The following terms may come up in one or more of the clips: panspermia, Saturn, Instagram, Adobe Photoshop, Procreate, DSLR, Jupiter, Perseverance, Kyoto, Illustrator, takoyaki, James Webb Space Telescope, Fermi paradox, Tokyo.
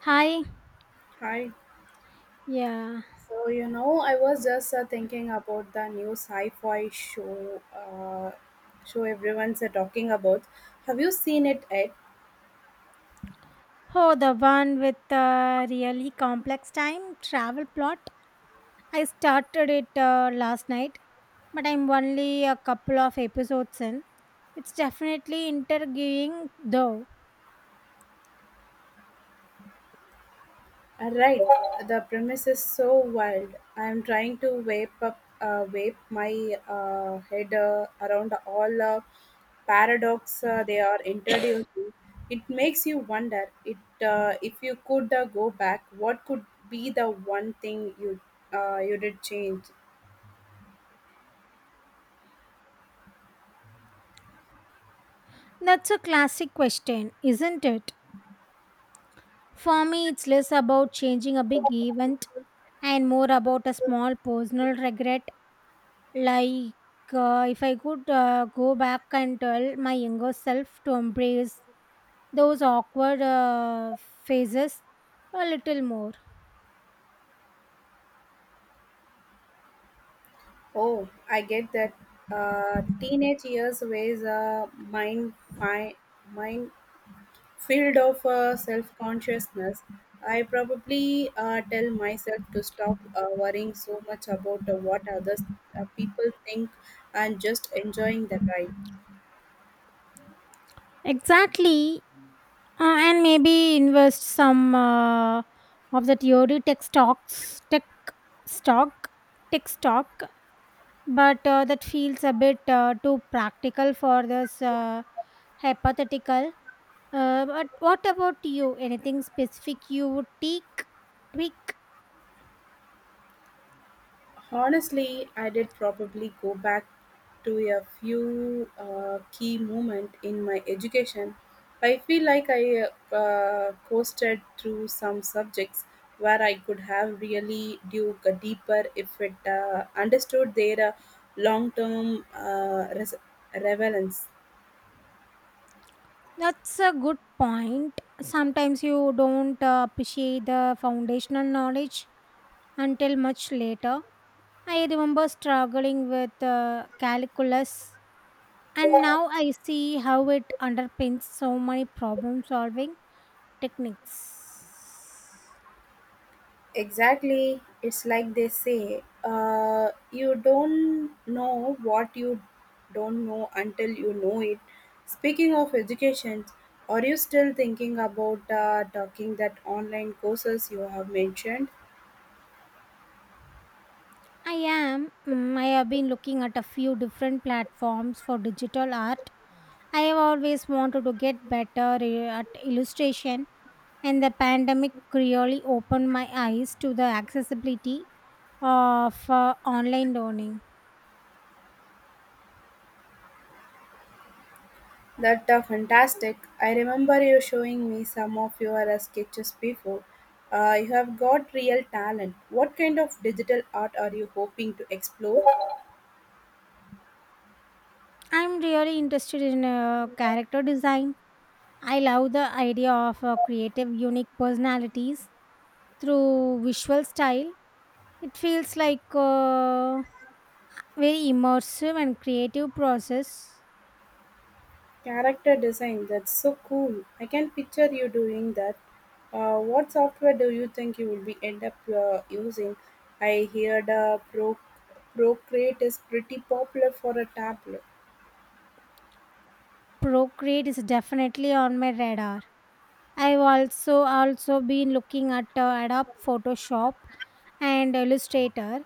Hi. Hi. Yeah. So I was just thinking about the new sci-fi show everyone's talking about. Have you seen it yet? Oh, the one with the really complex time travel plot. I started it last night, but I'm only a couple of episodes in. It's definitely interviewing, though. Right. The premise is so wild. I'm trying to wrap my head around all paradox they are introducing. It makes you wonder it if you could go back, what could be the one thing you did change? That's a classic question, isn't it? For me, it's less about changing a big event and more about a small personal regret. Like, if I could go back and tell my younger self to embrace those awkward phases a little more. Oh, I get that. Teenage years was a mind field of self consciousness. I probably tell myself to stop worrying so much about what others people think and just enjoying the ride. Exactly. And maybe invest some of the theory stock, tech stock. But that feels a bit too practical for this hypothetical. But what about you? Anything specific you would tweak? Honestly, I did probably go back to a few key moments in my education. I feel like I coasted through some subjects where I could have really dug deeper if it understood their long-term relevance. That's a good point. Sometimes you don't appreciate the foundational knowledge until much later. I remember struggling with calculus, and now I see how it underpins so many problem solving techniques. Exactly. It's like they say, you don't know what you don't know until you know it. Speaking of education, are you still thinking about talking that online courses you have mentioned? I am. I have been looking at a few different platforms for digital art. I have always wanted to get better at illustration and the pandemic really opened my eyes to the accessibility of online learning. That are fantastic. I remember you showing me some of your sketches before. You have got real talent. What kind of digital art are you hoping to explore? I'm really interested in character design. I love the idea of creative, unique personalities through visual style. It feels like a very immersive and creative process. Character design, that's so cool. I can picture you doing that. What software do you think you will be end up using? I heard Procreate is pretty popular for a tablet. Procreate is definitely on my radar. I've also been looking at Adobe Photoshop and Illustrator.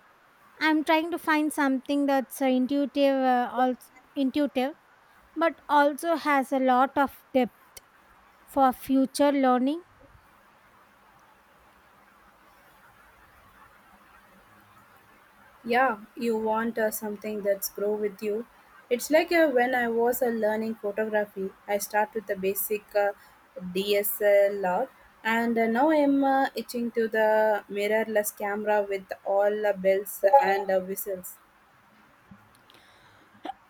I'm trying to find something that's also intuitive, but also has a lot of depth for future learning. Yeah, you want something that's grow with you. It's like when I was learning photography, I start with the basic DSLR, and now I'm itching to the mirrorless camera with all the bells and whistles.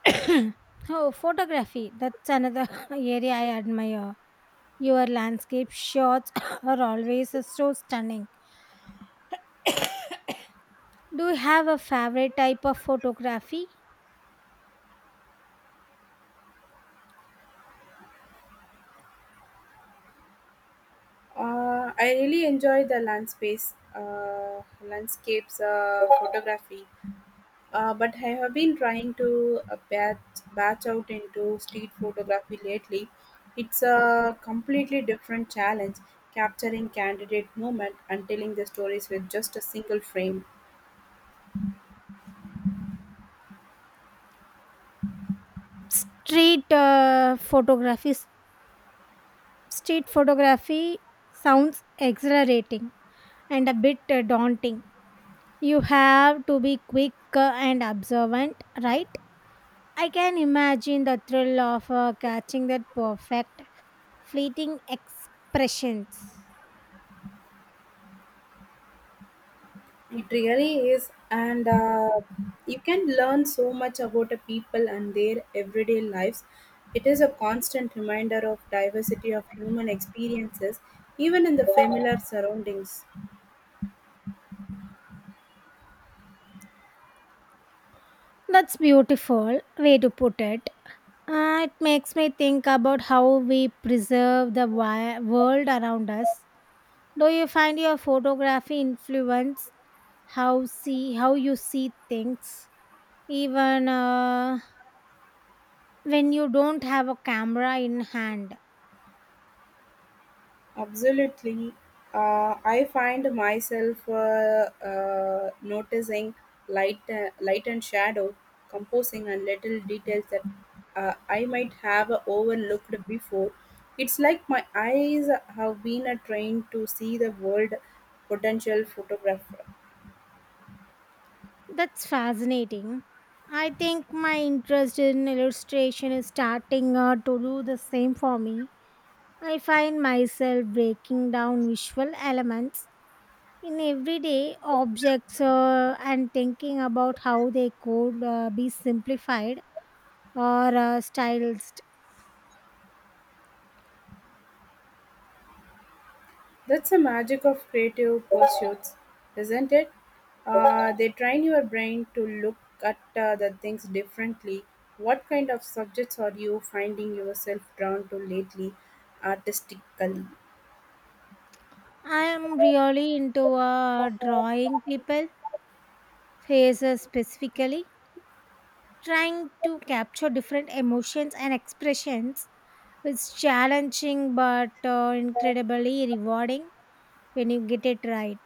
Oh, photography. That's another area I admire. Your landscape shots are always so stunning. Do you have a favorite type of photography? I really enjoy the landscapes photography, but I have been trying to batch out into street photography lately. It's a completely different challenge, capturing candidate movement and telling the stories with just a single frame. Street uh, photography. Street photography sounds exhilarating and a bit daunting. You have to be quick and observant, right? I can imagine the thrill of catching that perfect fleeting expressions. It really is, and you can learn so much about the people and their everyday lives. It is a constant reminder of diversity of human experiences, even in the familiar surroundings. That's beautiful way to put it. It makes me think about how we preserve the world around us. Do you find your photography influence how you see things even when you don't have a camera in hand? Absolutely. I find myself noticing light and shadow, composing, and little details that I might have overlooked before. It's like my eyes have been trained to see the world potential photograph. That's fascinating. I think my interest in illustration is starting to do the same for me. I find myself breaking down visual elements in everyday objects and thinking about how they could be simplified or stylized. That's the magic of creative pursuits, isn't it? They train your brain to look at the things differently. What kind of subjects are you finding yourself drawn to lately, artistically? I am really into drawing people, faces specifically, trying to capture different emotions and expressions is challenging but incredibly rewarding when you get it right.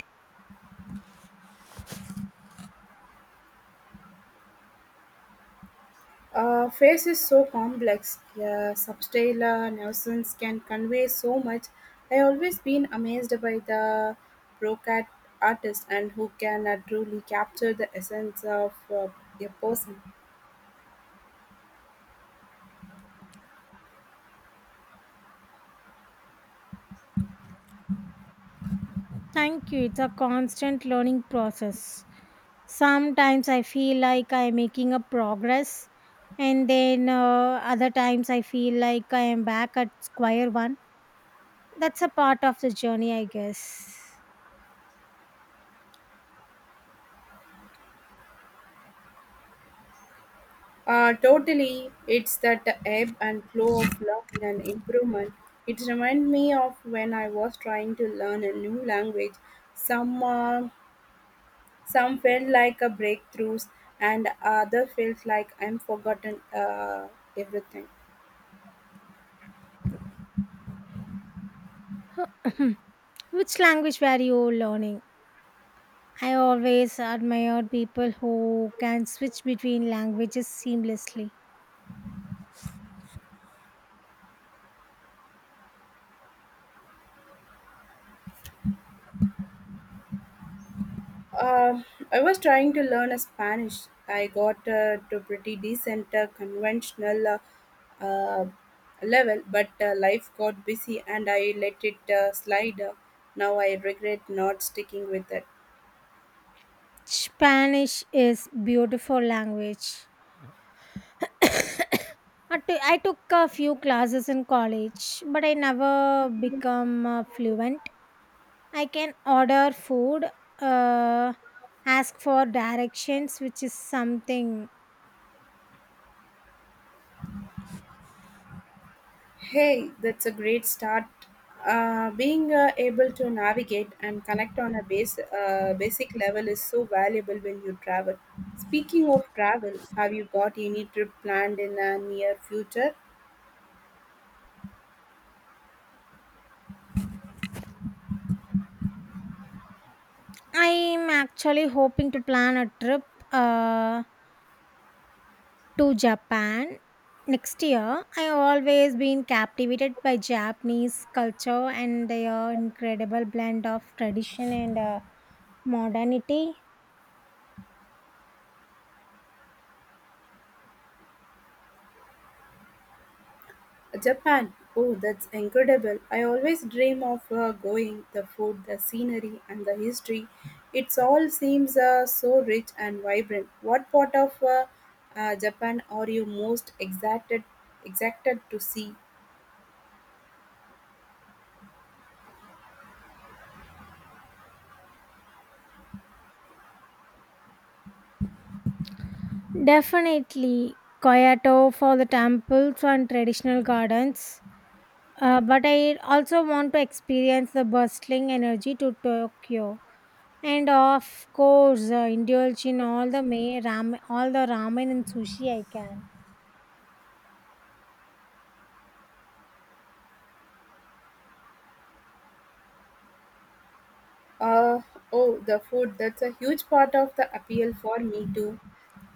Face is so complex. Yeah, substyle nuisance can convey so much. I always been amazed by the brocat artist and who can truly capture the essence of a person. Thank you. It's a constant learning process. Sometimes I feel like I'm making a progress, and then other times I feel like I am back at square one. That's a part of the journey, I guess. Totally, it's that ebb and flow of learning and improvement. It reminds me of when I was trying to learn a new language. Some uh, some felt like a breakthroughs, and other felt like I'm forgotten everything. Which language were you learning? I always admired people who can switch between languages seamlessly. Um, I was trying to learn a Spanish. I got to pretty decent conventional uh, uh, level, but life got busy and I let it slide. Now I regret not sticking with it. Spanish is beautiful language. I took a few classes in college, but I never become fluent. I can order food, uh, ask for directions, which is something. Hey, that's a great start. Being able to navigate and connect on a basic level is so valuable when you travel. Speaking of travel, have you got any trip planned in the near future? I am actually hoping to plan a trip. Uh, to Japan next year. I always been captivated by Japanese culture and their incredible blend of tradition and modernity. Japan. Oh, that's incredible. I always dream of going. The food, the scenery, and the history. It all seems so rich and vibrant. What part of Japan are you most excited to see? Definitely Kyoto for the temples and traditional gardens. But I also want to experience the bustling energy to Tokyo. And of course, indulge in all the all the ramen and sushi I can. Uh, oh, the food. That's a huge part of the appeal for me too.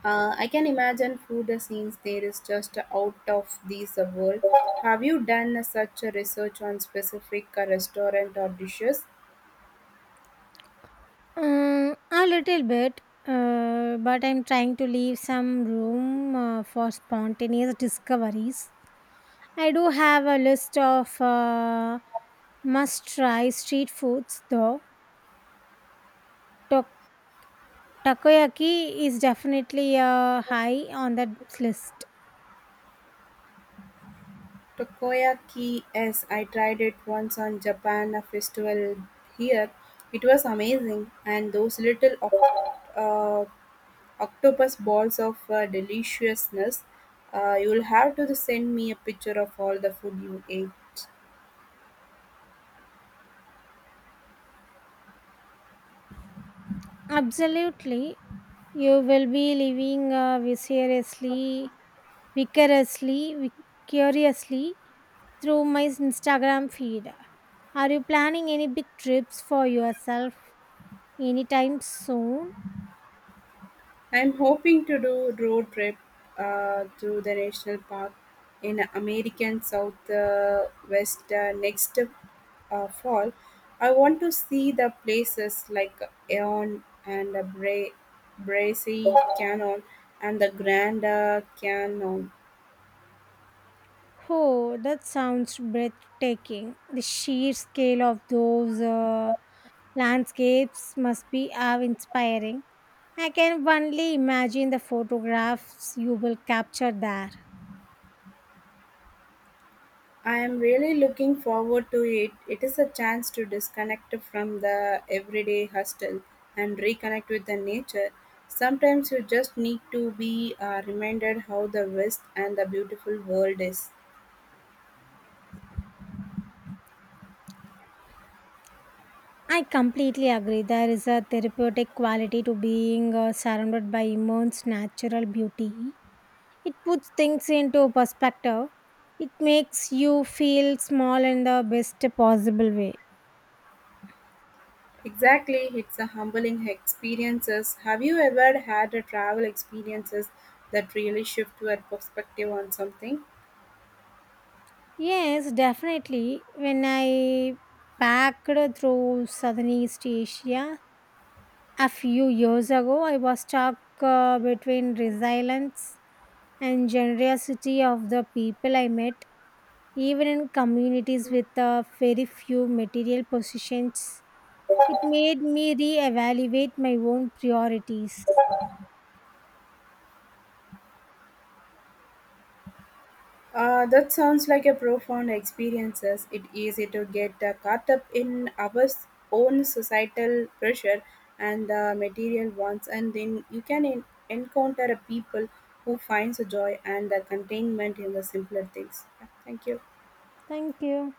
I can imagine food scenes there is just out of this world. Have you done such a research on specific restaurant or dishes? A little bit, but I'm trying to leave some room for spontaneous discoveries. I do have a list of must try street foods though. Tok- Takoyaki is definitely high on that list. Takoyaki, yes, I tried it once on Japan a festival here. It was amazing, and those little octopus balls of deliciousness. You'll have to send me a picture of all the food you ate. Absolutely. You will be living vicariously, vicariously through my Instagram feed. Are you planning any big trips for yourself anytime soon? I'm hoping to do road trip to the national park in American South West next fall. I want to see the places like Eon and the Bracy Canyon and the Grand Canyon. Oh, that sounds breathtaking. The sheer scale of those landscapes must be awe inspiring. I can only imagine the photographs you will capture there. I am really looking forward to it. It is a chance to disconnect from the everyday hustle and reconnect with the nature. Sometimes you just need to be reminded how the vast and the beautiful world is. I completely agree. There is a therapeutic quality to being surrounded by immense natural beauty. It puts things into perspective. It makes you feel small in the best possible way. Exactly, it's a humbling experiences. Have you ever had a travel experiences that really shift your perspective on something? Yes, definitely. When I packed through Southeast Asia a few years ago, I was stuck between resilience and generosity of the people I met, even in communities with very few material possessions. It made me reevaluate my own priorities. That sounds like a profound experience. It easy to get caught up in our own societal pressure and the material wants, and then you can encounter a people who finds a joy and a contentment in the simpler things. Yeah, thank you. Thank you.